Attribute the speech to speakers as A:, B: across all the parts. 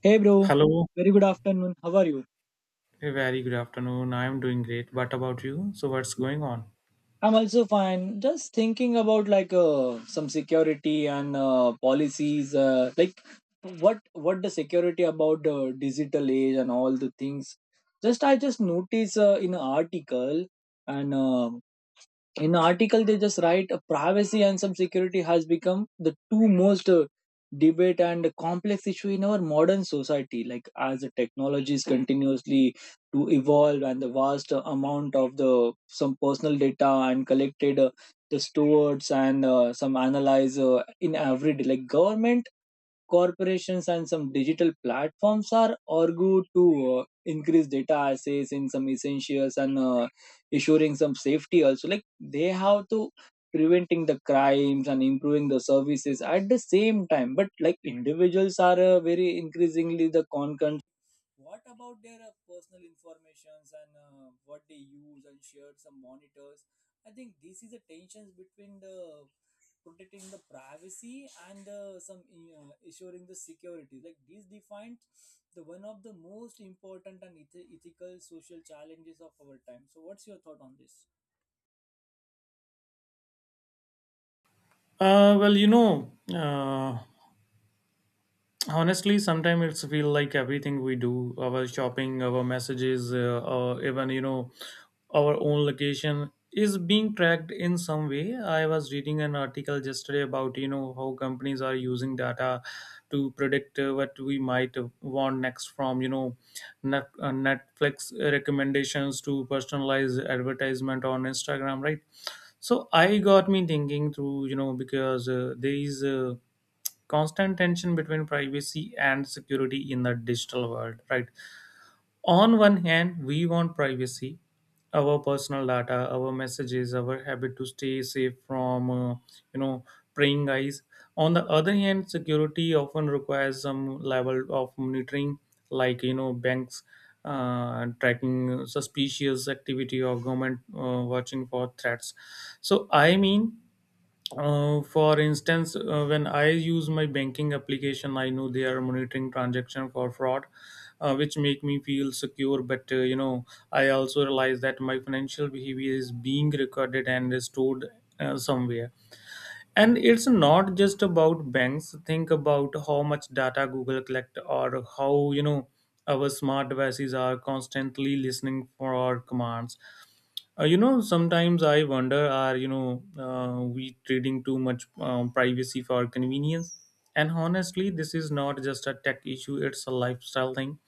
A: Hey bro,
B: Hello,
A: very good afternoon. How are you?
B: a very good afternoon. I'm doing great. What about you? So, what's going on?
A: I'm also fine. Just thinking about like some security and policies, like what the security about the digital age and all the things. Just I just noticed in an article, and in the article they just write privacy and some security has become the two most debate and complex issue in our modern society, like as the technologies continuously to evolve, and the vast amount of the some personal data and collected, the stores, and some analyzer in every day, like government, corporations and some digital platforms are argued to increase data access in some essentials and ensuring some safety also, like they have to preventing the crimes and improving the services at the same time. But like individuals are very increasingly the concern what about their personal informations and what they use and shared some monitors? I think this is the tensions between the protecting the privacy and some ensuring the security. Like this defined the one of the most important and ethical social challenges of our time. So, what's your thought on this?
B: Uh, well, you know, uh, Honestly, sometimes it's feel like everything we do, our shopping, our messages, or even our own location is being tracked in some way. I was reading an article yesterday about, you know, how companies are using data to predict what we might want next, from, you know, Netflix recommendations to personalized advertisement on Instagram, right? So I got me thinking through, you know, because there is constant tension between privacy and security in the digital world, right? On one hand, we want privacy, our personal data, our messages, our habit to stay safe from, uh, you know praying eyes. On the other hand, security often requires some level of monitoring, like, you know, banks tracking suspicious activity, or government watching for threats. So I mean, for instance, when I use my banking application, I know they are monitoring transaction for fraud, which make me feel secure. But uh, I also realize that my financial behavior is being recorded and stored somewhere. And it's not just about banks. Think about how much data Google collect, or, how you know, our smart devices are constantly listening for our commands. You know, sometimes I wonder, are, you know, we trading too much privacy for convenience? And honestly, this is not just a tech issue, it's a lifestyle thing.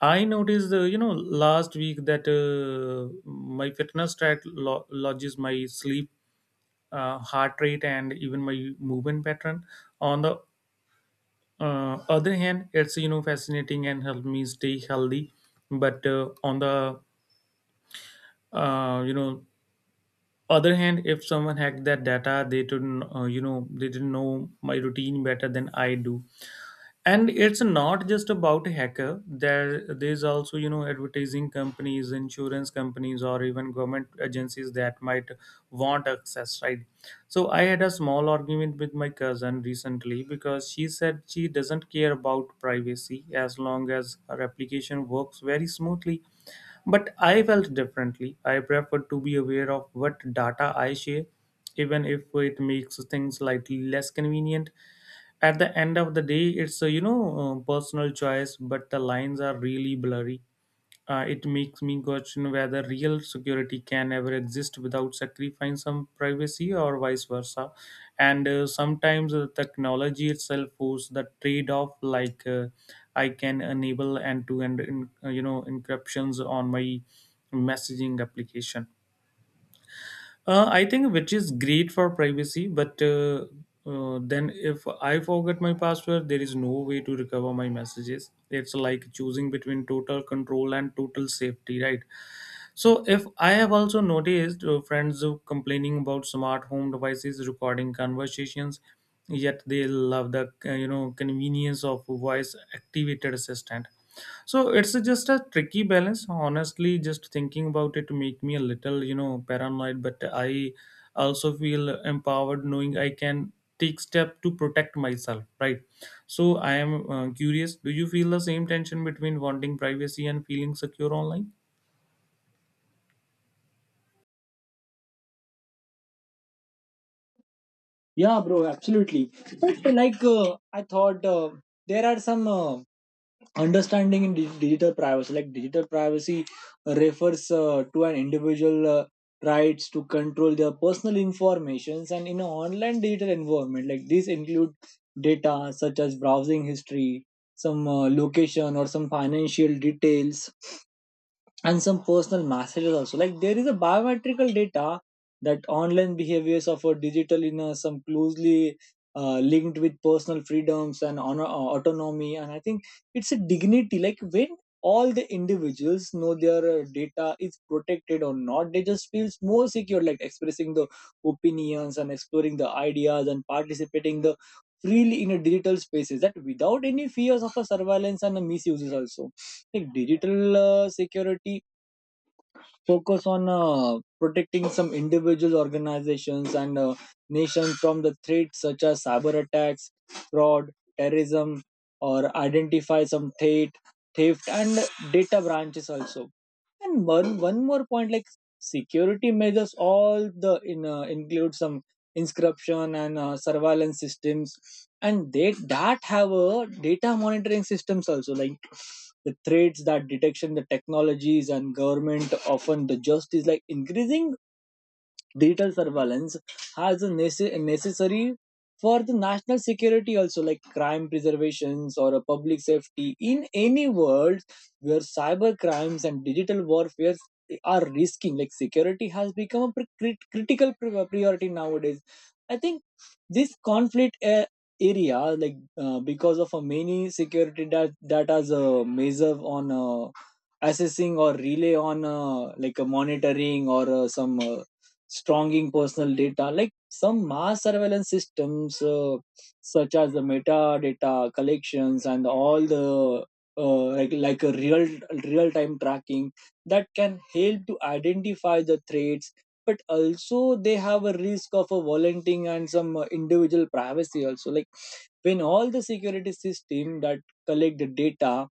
B: I noticed, you know, last week that my fitness lodges my sleep, heart rate, and even my movement pattern. On the other hand, it's, you know, fascinating and help me stay healthy. But on the, you know, other hand, if someone hacked that data, they didn't know my routine better than I do. And it's not just about a hacker, there's also, you know, advertising companies, insurance companies, or even government agencies that might want access, right? So I had a small argument with my cousin recently because she said she doesn't care about privacy as long as her application works very smoothly. But I felt differently. I preferred to be aware of what data I share, even if it makes things slightly less convenient. At the end of the day, it's a personal choice, but the lines are really blurry. It makes me question whether real security can ever exist without sacrificing some privacy or vice versa. And sometimes the technology itself forces the trade-off. Like I can enable end-to-end encryptions on my messaging application. I think which is great for privacy, but then if I forget my password, there is no way to recover my messages. It's like choosing between total control and total safety, right? So if I have also noticed friends who complaining about smart home devices recording conversations, yet they love the uh, convenience of voice activated assistant. So it's just a tricky balance. Honestly, just thinking about it make me a little, you know, paranoid, but I also feel empowered knowing I can take step to protect myself. Right. So I am curious. Do you feel the same tension between wanting privacy and feeling secure online?
A: Yeah, bro, absolutely. But like, I thought there are some understanding in digital privacy. Like digital privacy refers to an individual rights to control their personal informations and in an online digital environment, like these include data such as browsing history, some location or some financial details, and some personal messages also. Like there is a biometrical data that online behaviors of a digital in some closely linked with personal freedoms and honor, autonomy. And I think it's a dignity, like when all the individuals know their data is protected or not, they just feels more secure, like expressing the opinions and exploring the ideas and participating the freely in a digital spaces that without any fears of a surveillance and a misuses also. Like digital security focus on protecting some individual organizations, and nations from the threats such as cyber attacks, fraud, terrorism, or identify some theft, theft and data branches also. And one more point, like security measures, all the in include some inscription and surveillance systems, and they that have a data monitoring systems also, like the threats that detection, the technologies, and government often the justice, like increasing digital surveillance has a necessary for the national security also, like crime preservations or a public safety in any world where cyber crimes and digital warfare are risking. Like security has become a critical priority nowadays. I think this conflict area, like because of a many security that has a measure on assessing or relay on like a monitoring or some stronging personal data. Like some mass surveillance systems, such as the metadata collections and all the like a real time tracking that can help to identify the threats. But also, they have a risk of a volunteering and some individual privacy. Also, like when all the security system that collect the data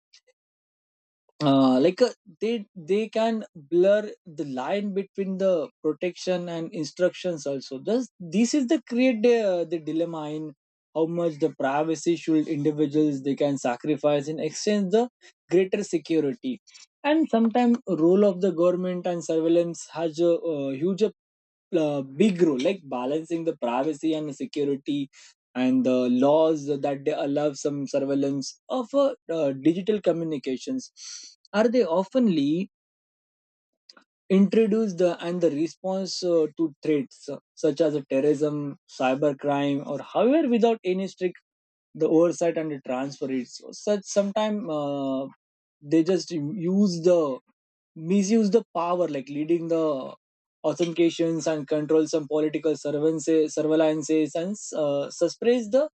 A: like they can blur the line between the protection and instructions also. This is the create the dilemma in how much the privacy should individuals they can sacrifice in exchange the greater security. And sometimes role of the government and surveillance has a, huge big role, like balancing the privacy and security, and the laws that they allow some surveillance of digital communications. Are they often introduce the and the response to threats such as terrorism, cybercrime or however, without any strict the oversight and the transfer it's such. Sometimes they just use the misuse the power, like leading the authentications and control some political surveillances and suppress the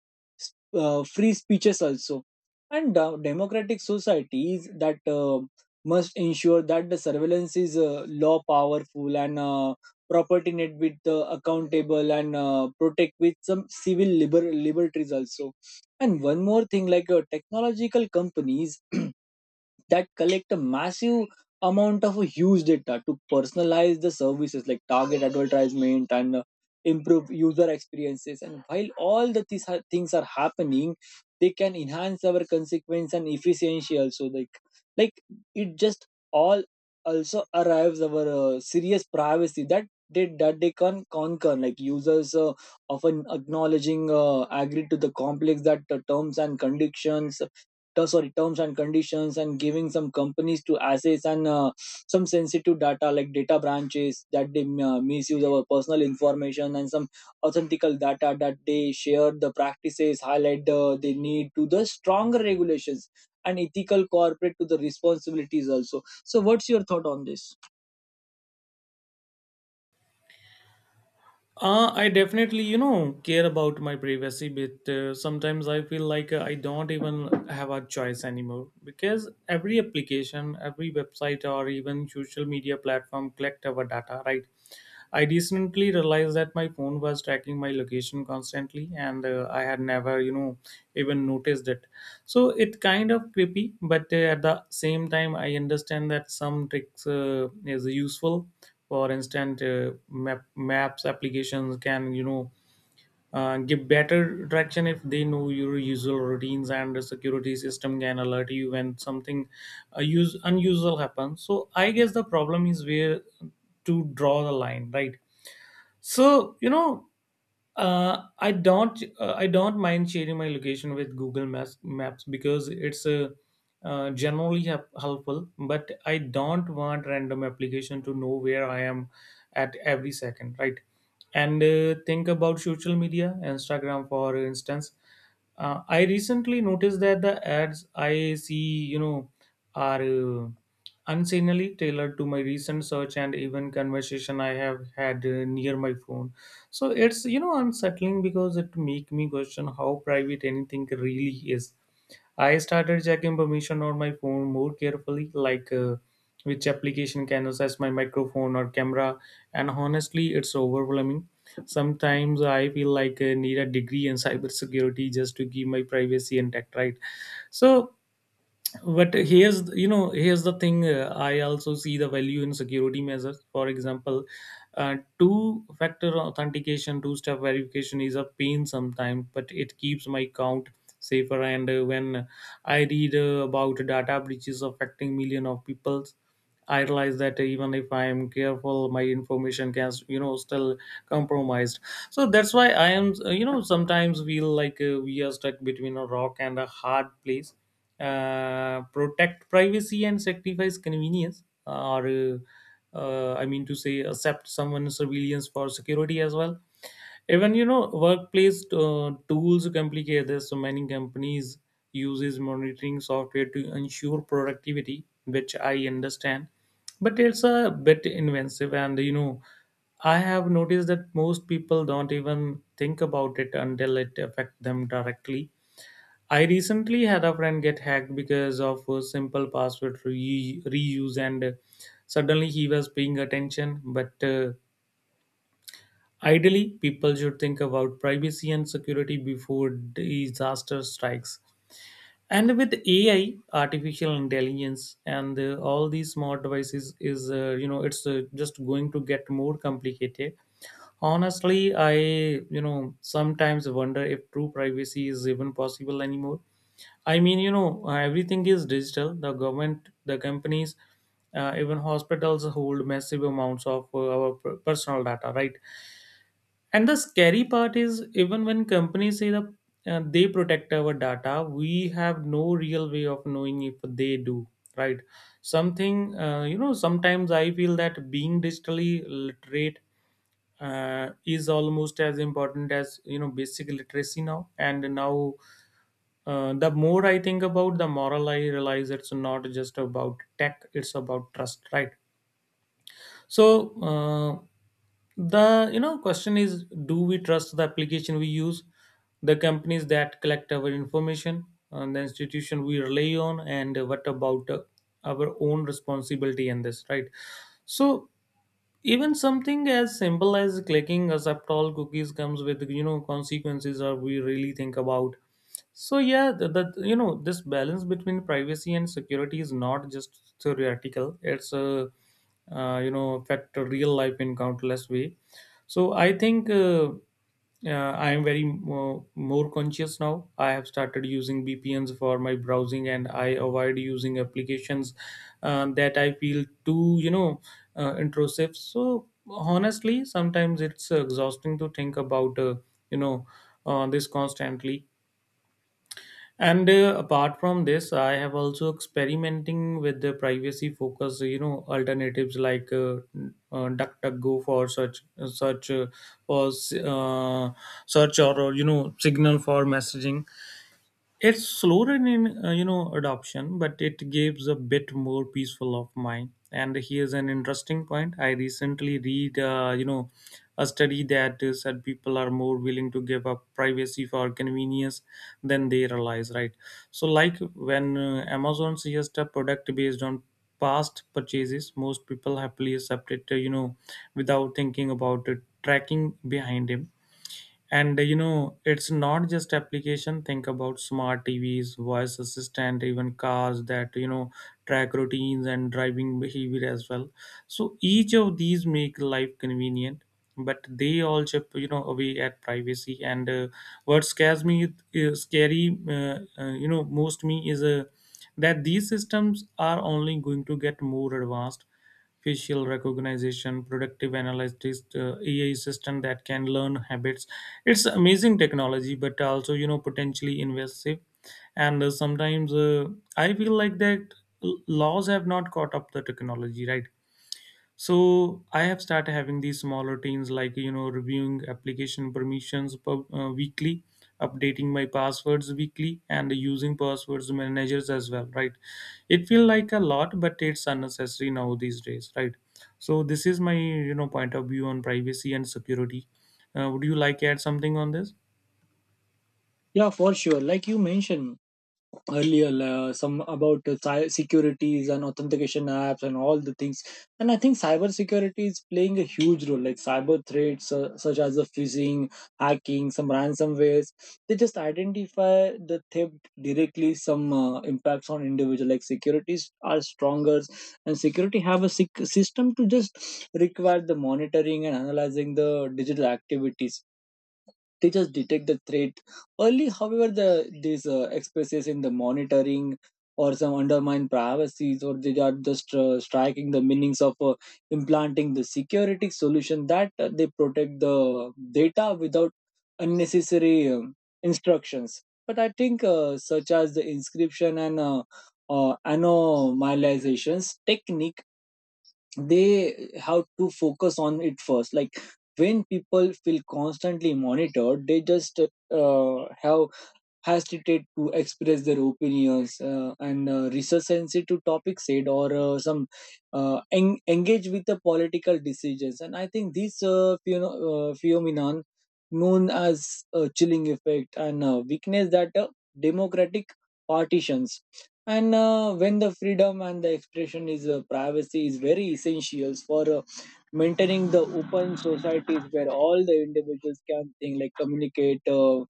A: free speeches also. And democratic societies that must ensure that the surveillance is law powerful and property net with accountable and protect with some civil liberties also. And one more thing, like technological companies that collect a massive amount of huge data to personalize the services, like target advertisement and improve user experiences. And while all the things are happening, they can enhance our consequence and efficiency also. Like it just all also arrives our serious privacy that they can conquer, like users often acknowledging agree to the complex that the terms and conditions, and giving some companies to access and some sensitive data, like data branches that they misuse our personal information and some authentical data that they share the practices, highlight the need to the stronger regulations and ethical corporate to the responsibilities also. So what's your thought on this?
B: I definitely, you know, care about my privacy, but sometimes I feel like I don't even have a choice anymore because every application, every website, or even social media platform collect our data, right? I recently realized that my phone was tracking my location constantly, and I had never, you know, even noticed it. So it kind of creepy, but at the same time, I understand that some tricks is useful. For instance, maps applications can, you know, give better traction if they know your usual routines, and the security system can alert you when something use unusual happens. So I guess the problem is where to draw the line, right? So, you know, I don't mind sharing my location with Google Maps because it's generally helpful. But I don't want random application to know where I am at every second, right? And think about social media, Instagram, for instance. I recently noticed that the ads I see, you know, are unseasonally tailored to my recent search and even conversation I have had near my phone. So it's, you know, unsettling because it make me question how private anything really is. I started checking permission on my phone more carefully, like which application can access my microphone or camera. And honestly, it's overwhelming. Sometimes I feel like I need a degree in cybersecurity just to keep my privacy intact, right? So, but here's you know here's the thing, I also see the value in security measures. For example, two factor authentication, two step verification is a pain sometimes, but it keeps my account safer. And when I read about data breaches affecting million of people, I realize that even if I am careful, my information can, you know, still compromised. So that's why I am, uh, sometimes feel like we are stuck between a rock and a hard place. Protect privacy and sacrifice convenience, or I mean to say, accept someone's surveillance for security as well. Even, you know, workplace tools complicate this. So many companies uses monitoring software to ensure productivity, which I understand, but it's a bit invasive. And, you know, I have noticed that most people don't even think about it until it affects them directly. I recently had a friend get hacked because of a simple reuse, and suddenly he was paying attention. But ideally, people should think about privacy and security before disaster strikes. And with AI, artificial intelligence, and all these smart devices, is you know it's just going to get more complicated. Honestly, I, you know, sometimes wonder if true privacy is even possible anymore. I mean, you know, everything is digital. The government, the companies, even hospitals hold massive amounts of personal data, right? And the scary part is, even when companies say that they protect our data, we have no real way of knowing if they do, right? You know, sometimes I feel that being digitally literate is almost as important as, you know, basic literacy now. And now, the more I think about the moral, I realize it's not just about tech, it's about trust, right? So the question is, do we trust the application we use, the companies that collect our information, and the institution we rely on? And what about our own responsibility in this, right? So even something as simple as clicking accept all cookies comes with, you know, consequences, or we really think about. So yeah, the, but, you know, this balance between privacy and security is not just theoretical. It's a, uh, affect real life in countless way. So I think, uh, I am very more conscious now. I have started using VPNs for my browsing, and I avoid using applications that I feel too, intrusive. So honestly, sometimes it's exhausting to think about you know this constantly. And apart from this, I have also experimenting with the privacy focus, you know, alternatives, like DuckDuckGo for for uh, search, or, you know, Signal for messaging. It's slower in, uh, adoption, but it gives a bit more peaceful of mind. And here's an interesting point. I recently read, uh, a study that said people are more willing to give up privacy for convenience than they realize. Right. So like when Amazon suggests a product based on past purchases, most people happily accept it. Without thinking about it, tracking behind him. And it's not just application. Think about smart TVs, voice assistant, even cars that track routines and driving behavior as well. So each of these make life convenient, but they all chip away at privacy. And what scares me scary you know most me is that these systems are only going to get more advanced. Facial recognition, productive analytics, AI system that can learn habits. It's amazing technology, but also potentially invasive. And sometimes I feel like that laws have not caught up the technology, right? So I have started having these small routines, like reviewing application permissions weekly, updating my passwords weekly, and using passwords managers as well, right? It feel like a lot, but it's unnecessary now these days, right? So this is my point of view on privacy and security. Would you like to add something on this?
A: Yeah, for sure. Like you mentioned earlier some about securities and authentication apps and all the things. And I think cyber security is playing a huge role, like cyber threats such as the phishing, hacking, some ransomwares. They just identify the theft directly, some impacts on individual, like securities are stronger. And security have a system to just require the monitoring and analyzing the digital activities. They just detect the threat early. However, the these expresses in the monitoring or some undermine privacies, or they are just striking the meanings of implanting the security solution that they protect the data without unnecessary instructions. But I think such as the inscription and anomalizations technique, they have to focus on it first. Like when people feel constantly monitored, they just have hesitate to express their opinions and research sensitive topics said, or some engage with the political decisions. And I think this phenomenon known as chilling effect and weakness that democratic partitions. And when the freedom and the expression is privacy is very essential for maintaining the open societies, where all the individuals can think, like communicate,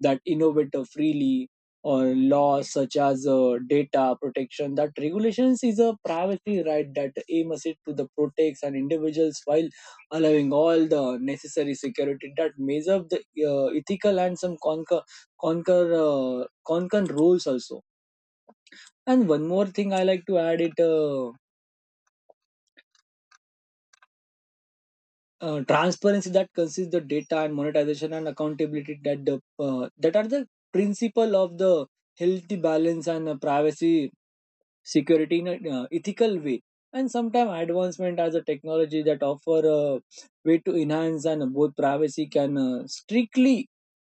A: that innovate freely. Or laws such as data protection that regulations is a privacy right, that aim us it to the protects and individuals, while allowing all the necessary security that measure up the ethical and some conquer conquer concurrent rules also. And one more thing I like to add it, transparency that consists the data and monetization and accountability that the that are the principle of the healthy balance and privacy, security in an ethical way. And sometimes advancement as a technology that offer a way to enhance and both privacy can strictly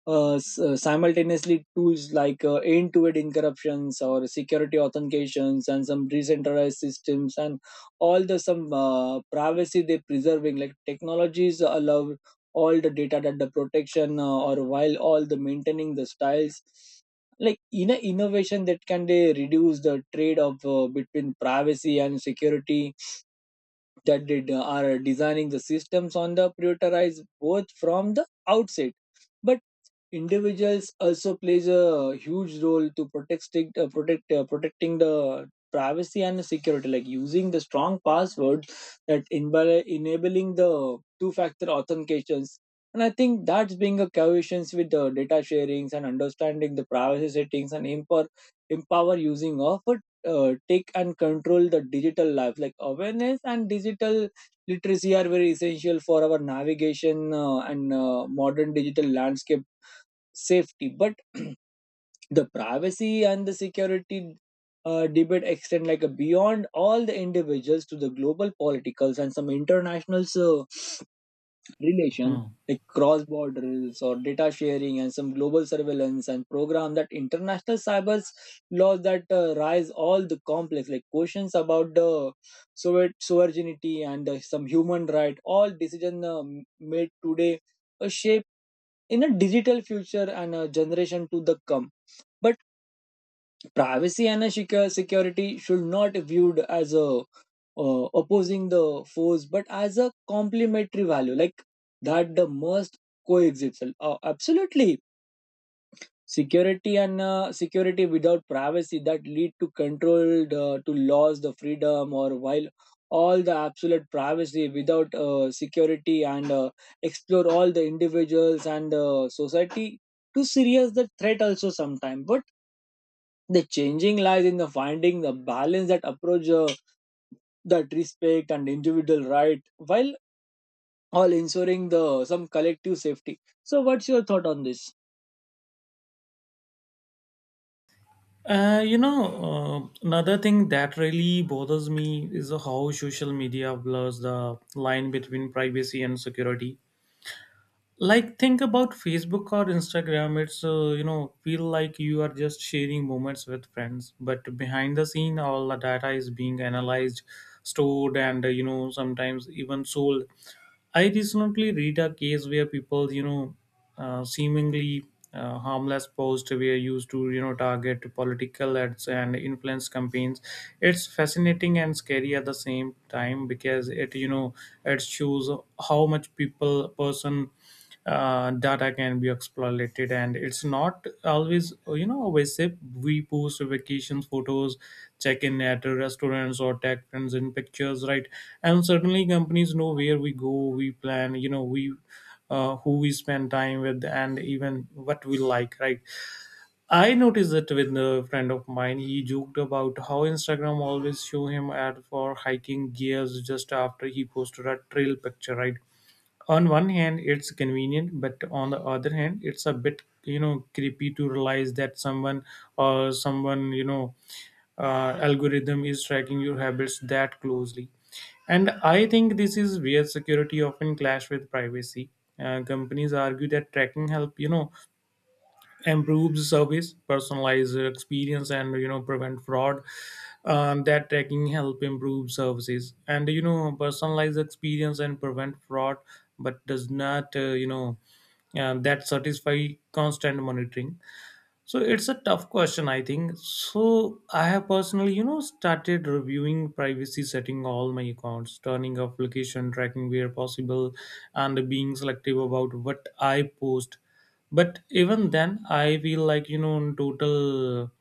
A: simultaneously tools, like end-to-end encryptions or security authentications and some decentralized systems, and all the some privacy they preserving, like technologies allow all the data that the protection or while all the maintaining the styles, like in a innovation that can they reduce the trade of between privacy and security, that they are designing the systems on the prioritize both from the outset. But individuals also plays a huge role to protecting the privacy and the security, like using the strong password that enable enabling the two factor authentications. And I think that's being a cohesions with the data sharings and understanding the privacy settings, and empower using of it, take and control the digital life, like awareness and digital literacy are very essential for our navigation and modern digital landscape safety. But the privacy and the security debate extend like a beyond all the individuals to the global politicals and some international relation,
B: Hmm.
A: like cross borders or data sharing and some global surveillance and program that international cyber laws that rise all the complex, like questions about the sovereignty and some human right. All decision made today shape in a digital future and a generation to the come. But privacy and a security should not viewed as a opposing the force, but as a complementary value, like that the must coexist. Absolutely, security and security without privacy that lead to control the to loss the freedom, or while all the absolute privacy without security and explore all the individuals and society to serious the threat also sometime, but the changing lies in the finding the balance that approach that respect and individual right while all ensuring the some collective safety. So what's your thought on this?
B: Another thing that really bothers me is how social media blurs the line between privacy and security. Like think about Facebook or Instagram. It's feel like you are just sharing moments with friends, but behind the scene all the data is being analyzed, stored, and sometimes even sold. I recently read a case where people seemingly harmless posts were used to target political ads and influence campaigns. It's fascinating and scary at the same time, because it it shows how much people person data can be exploited. And it's not always always safe. We post vacations photos, check in at restaurants, or tag friends in pictures, right? And certainly companies know where we go, we plan, you know we who we spend time with, and even what we like, right? I noticed it with a friend of mine. He joked about how Instagram always show him ad for hiking gears just after he posted a trail picture, right? On one hand it's convenient, but on the other hand it's a bit creepy to realize that someone or someone algorithm is tracking your habits that closely. And I think this is where security often clash with privacy. Companies argue that tracking help improves service, personalize experience, and prevent fraud. That tracking help improve services and personalize experience and prevent fraud. But does not that satisfy constant monitoring. So it's a tough question, I think. So I have personally, started reviewing privacy setting all my accounts, turning off location tracking where possible, and being selective about what I post. But even then, I feel like in total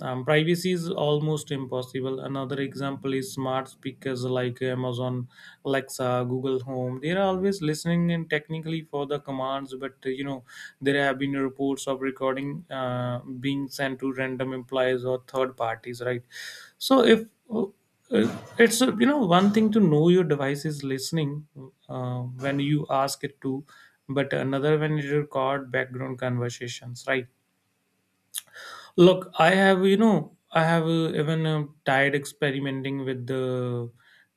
B: privacy is almost impossible. Another example is smart speakers like Amazon Alexa, Google Home. They are always listening, and technically for the commands, but there have been reports of recording being sent to random employees or third parties, right? So if it's you know one thing to know your device is listening when you ask it to, but another when it record background conversations, right? Look, I have even tried experimenting with the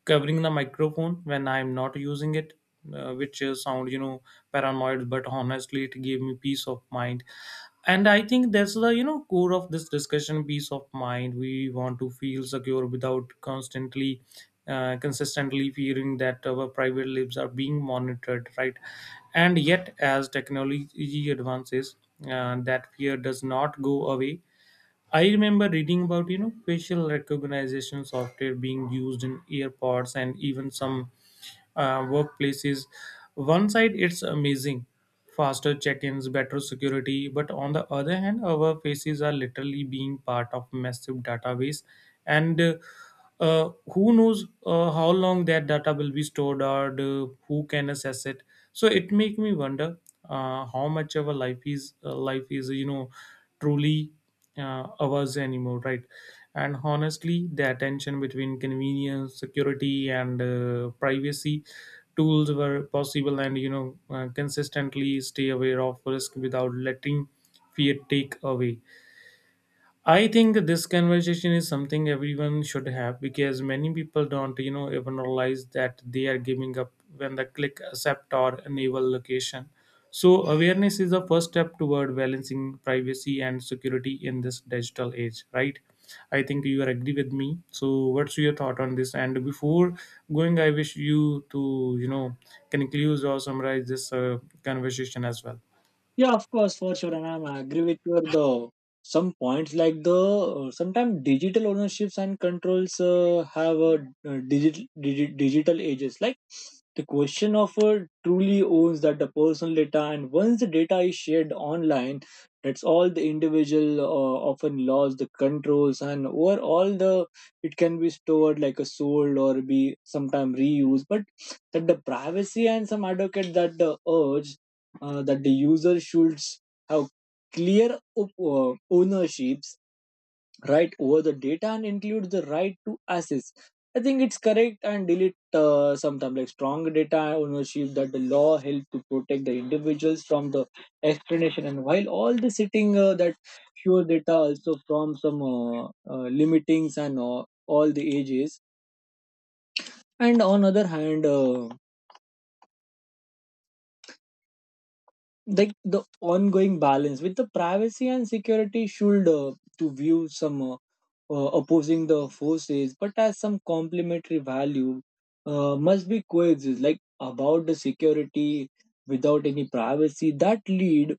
B: covering the microphone when I'm not using it, which sound, paranoid, but honestly, it gave me peace of mind. And I think that's the, core of this discussion, peace of mind. We want to feel secure without consistently fearing that our private lives are being monitored, right? And yet, as technology advances, that fear does not go away. I remember reading about facial recognition software being used in airports, and even some workplaces. One side, it's amazing, faster check-ins, better security. But on the other hand, our faces are literally being part of massive database, and who knows how long that data will be stored, or who can access it. So it make me wonder how much our life is truly hours anymore, right? And honestly, the tension between convenience, security, and privacy tools were possible, and consistently stay aware of risk without letting fear take away. I think this conversation is something everyone should have, because many people don't, even realize that they are giving up when they click accept or enable location. So awareness is the first step toward balancing privacy and security in this digital age, right? I think you are agree with me. So what's your thought on this? And before going, I wish you to, conclude or summarize this conversation as well.
A: Yeah, of course, for sure, and agree with your the some points like the sometimes digital ownerships and controls have a digital ages. Like the question of truly owns that the personal data, and once the data is shared online, that's all the individual often lost the controls and over all the it can be stored like a sold or be sometime reused, but that the privacy and some advocate that the urge that the user should have clear ownerships right over the data and include the right to access. I think it's correct and delete sometimes like strong data ownership that the law help to protect the individuals from the explanation and while all the sitting that sure data also from some limitings and all the ages. And on other hand like the ongoing balance with the privacy and security should to view some opposing the forces but as some complementary value must be coexist, like about the security without any privacy that lead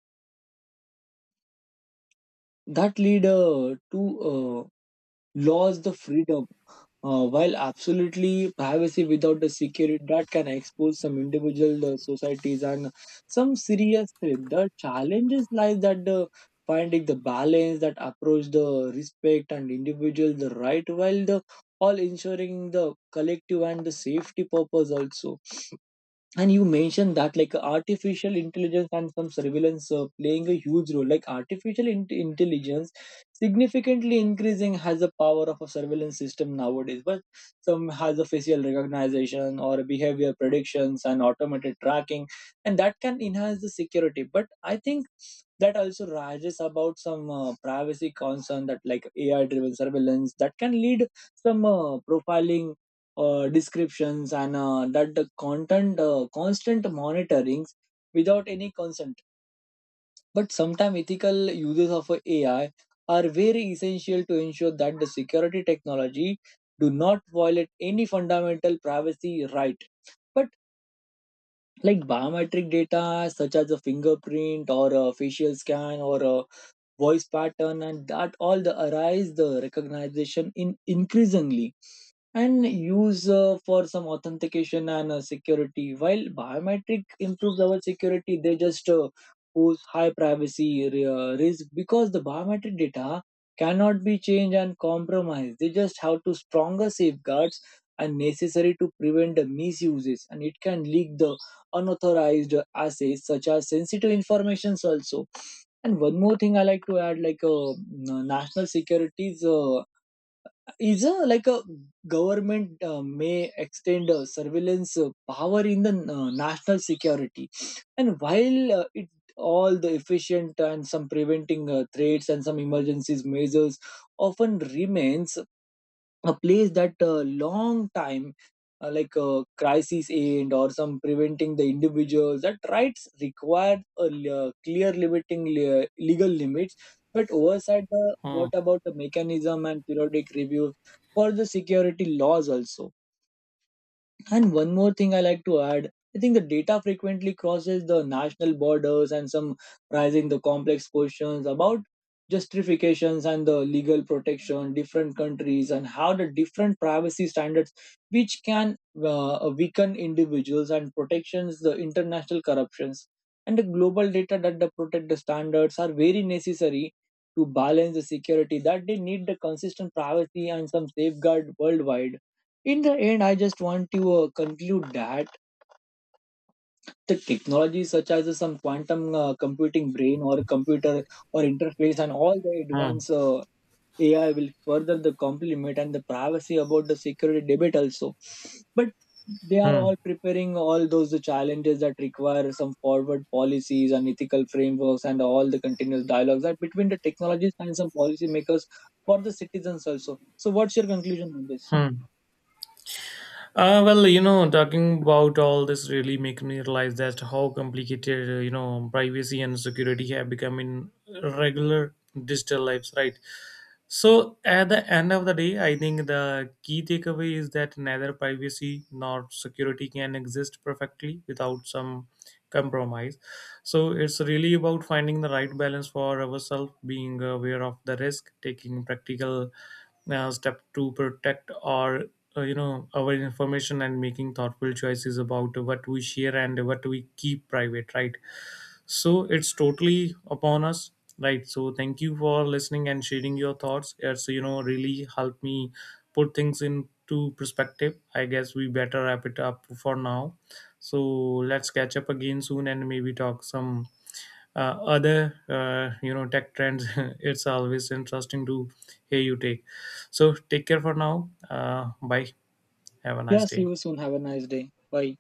A: that lead to loss the freedom. While absolutely privacy without the security that can expose some individual societies and some serious threat, the challenges lies that the finding the balance that approach the respect and individual the right while the all ensuring the collective and the safety purpose also. And you mentioned that like artificial intelligence and some surveillance playing a huge role. Like intelligence significantly increasing has the power of a surveillance system nowadays, but some has a facial recognition or behavior predictions and automated tracking, and that can enhance the security. But I think that also rises about some privacy concern that like AI driven surveillance that can lead some profiling descriptions and that the content constant monitorings without any consent. But sometimes ethical uses of ai are very essential to ensure that the security technology do not violate any fundamental privacy right. But like biometric data such as a fingerprint or a facial scan or a voice pattern and that all the arise the recognition in increasingly and use for some authentication and security. While biometric improves our security, they just pose high privacy risk because the biometric data cannot be changed and compromised. They just have to stronger safeguards and necessary to prevent the misuses, and it can leak the unauthorized assets such as sensitive informations also. And one more thing I like to add, like national securities. Is a like a government may extend surveillance power in the national security, and while it all the efficient and some preventing threats and some emergencies measures often remains a place that long time crisis end or some preventing the individuals that rights require a clear limiting legal limits, but oversight
B: Hmm.
A: what about the mechanism and periodic reviews for the security laws also. And one more thing I like to add, I think the data frequently crosses the national borders and some raising the complex questions about justifications and the legal protection, different countries and how the different privacy standards, which can weaken individuals and protections the international corruptions, and the global data that the protect the standards are very necessary to balance the security that they need the consistent privacy and some safeguard worldwide. In the end I just want to conclude that the technologies such as some quantum computing brain or computer or interface and all the
B: Hmm.
A: advanced ai will further the complement and the privacy about the security debate also. But they are
B: Hmm.
A: all preparing all those the challenges that require some forward policies and ethical frameworks and all the continuous dialogues that between the technologies and some policymakers for the citizens also. So what's your conclusion on this?
B: Hmm. Well, talking about all this really make me realize that how complicated, privacy and security have become in regular digital lives, right? So at the end of the day, I think the key takeaway is that neither privacy nor security can exist perfectly without some compromise. So it's really about finding the right balance for ourselves, being aware of the risk, taking practical step to protect our our information, and making thoughtful choices about what we share and what we keep private, right? So it's totally upon us, right? So thank you for listening and sharing your thoughts. It's really helped me put things into perspective. I guess we better wrap it up for now. So let's catch up again soon and maybe talk some other tech trends. It's always interesting to hear you take. So take care for now. Bye. Have a
A: Yeah,
B: nice
A: see
B: day.
A: you soon. Have a nice day. Bye.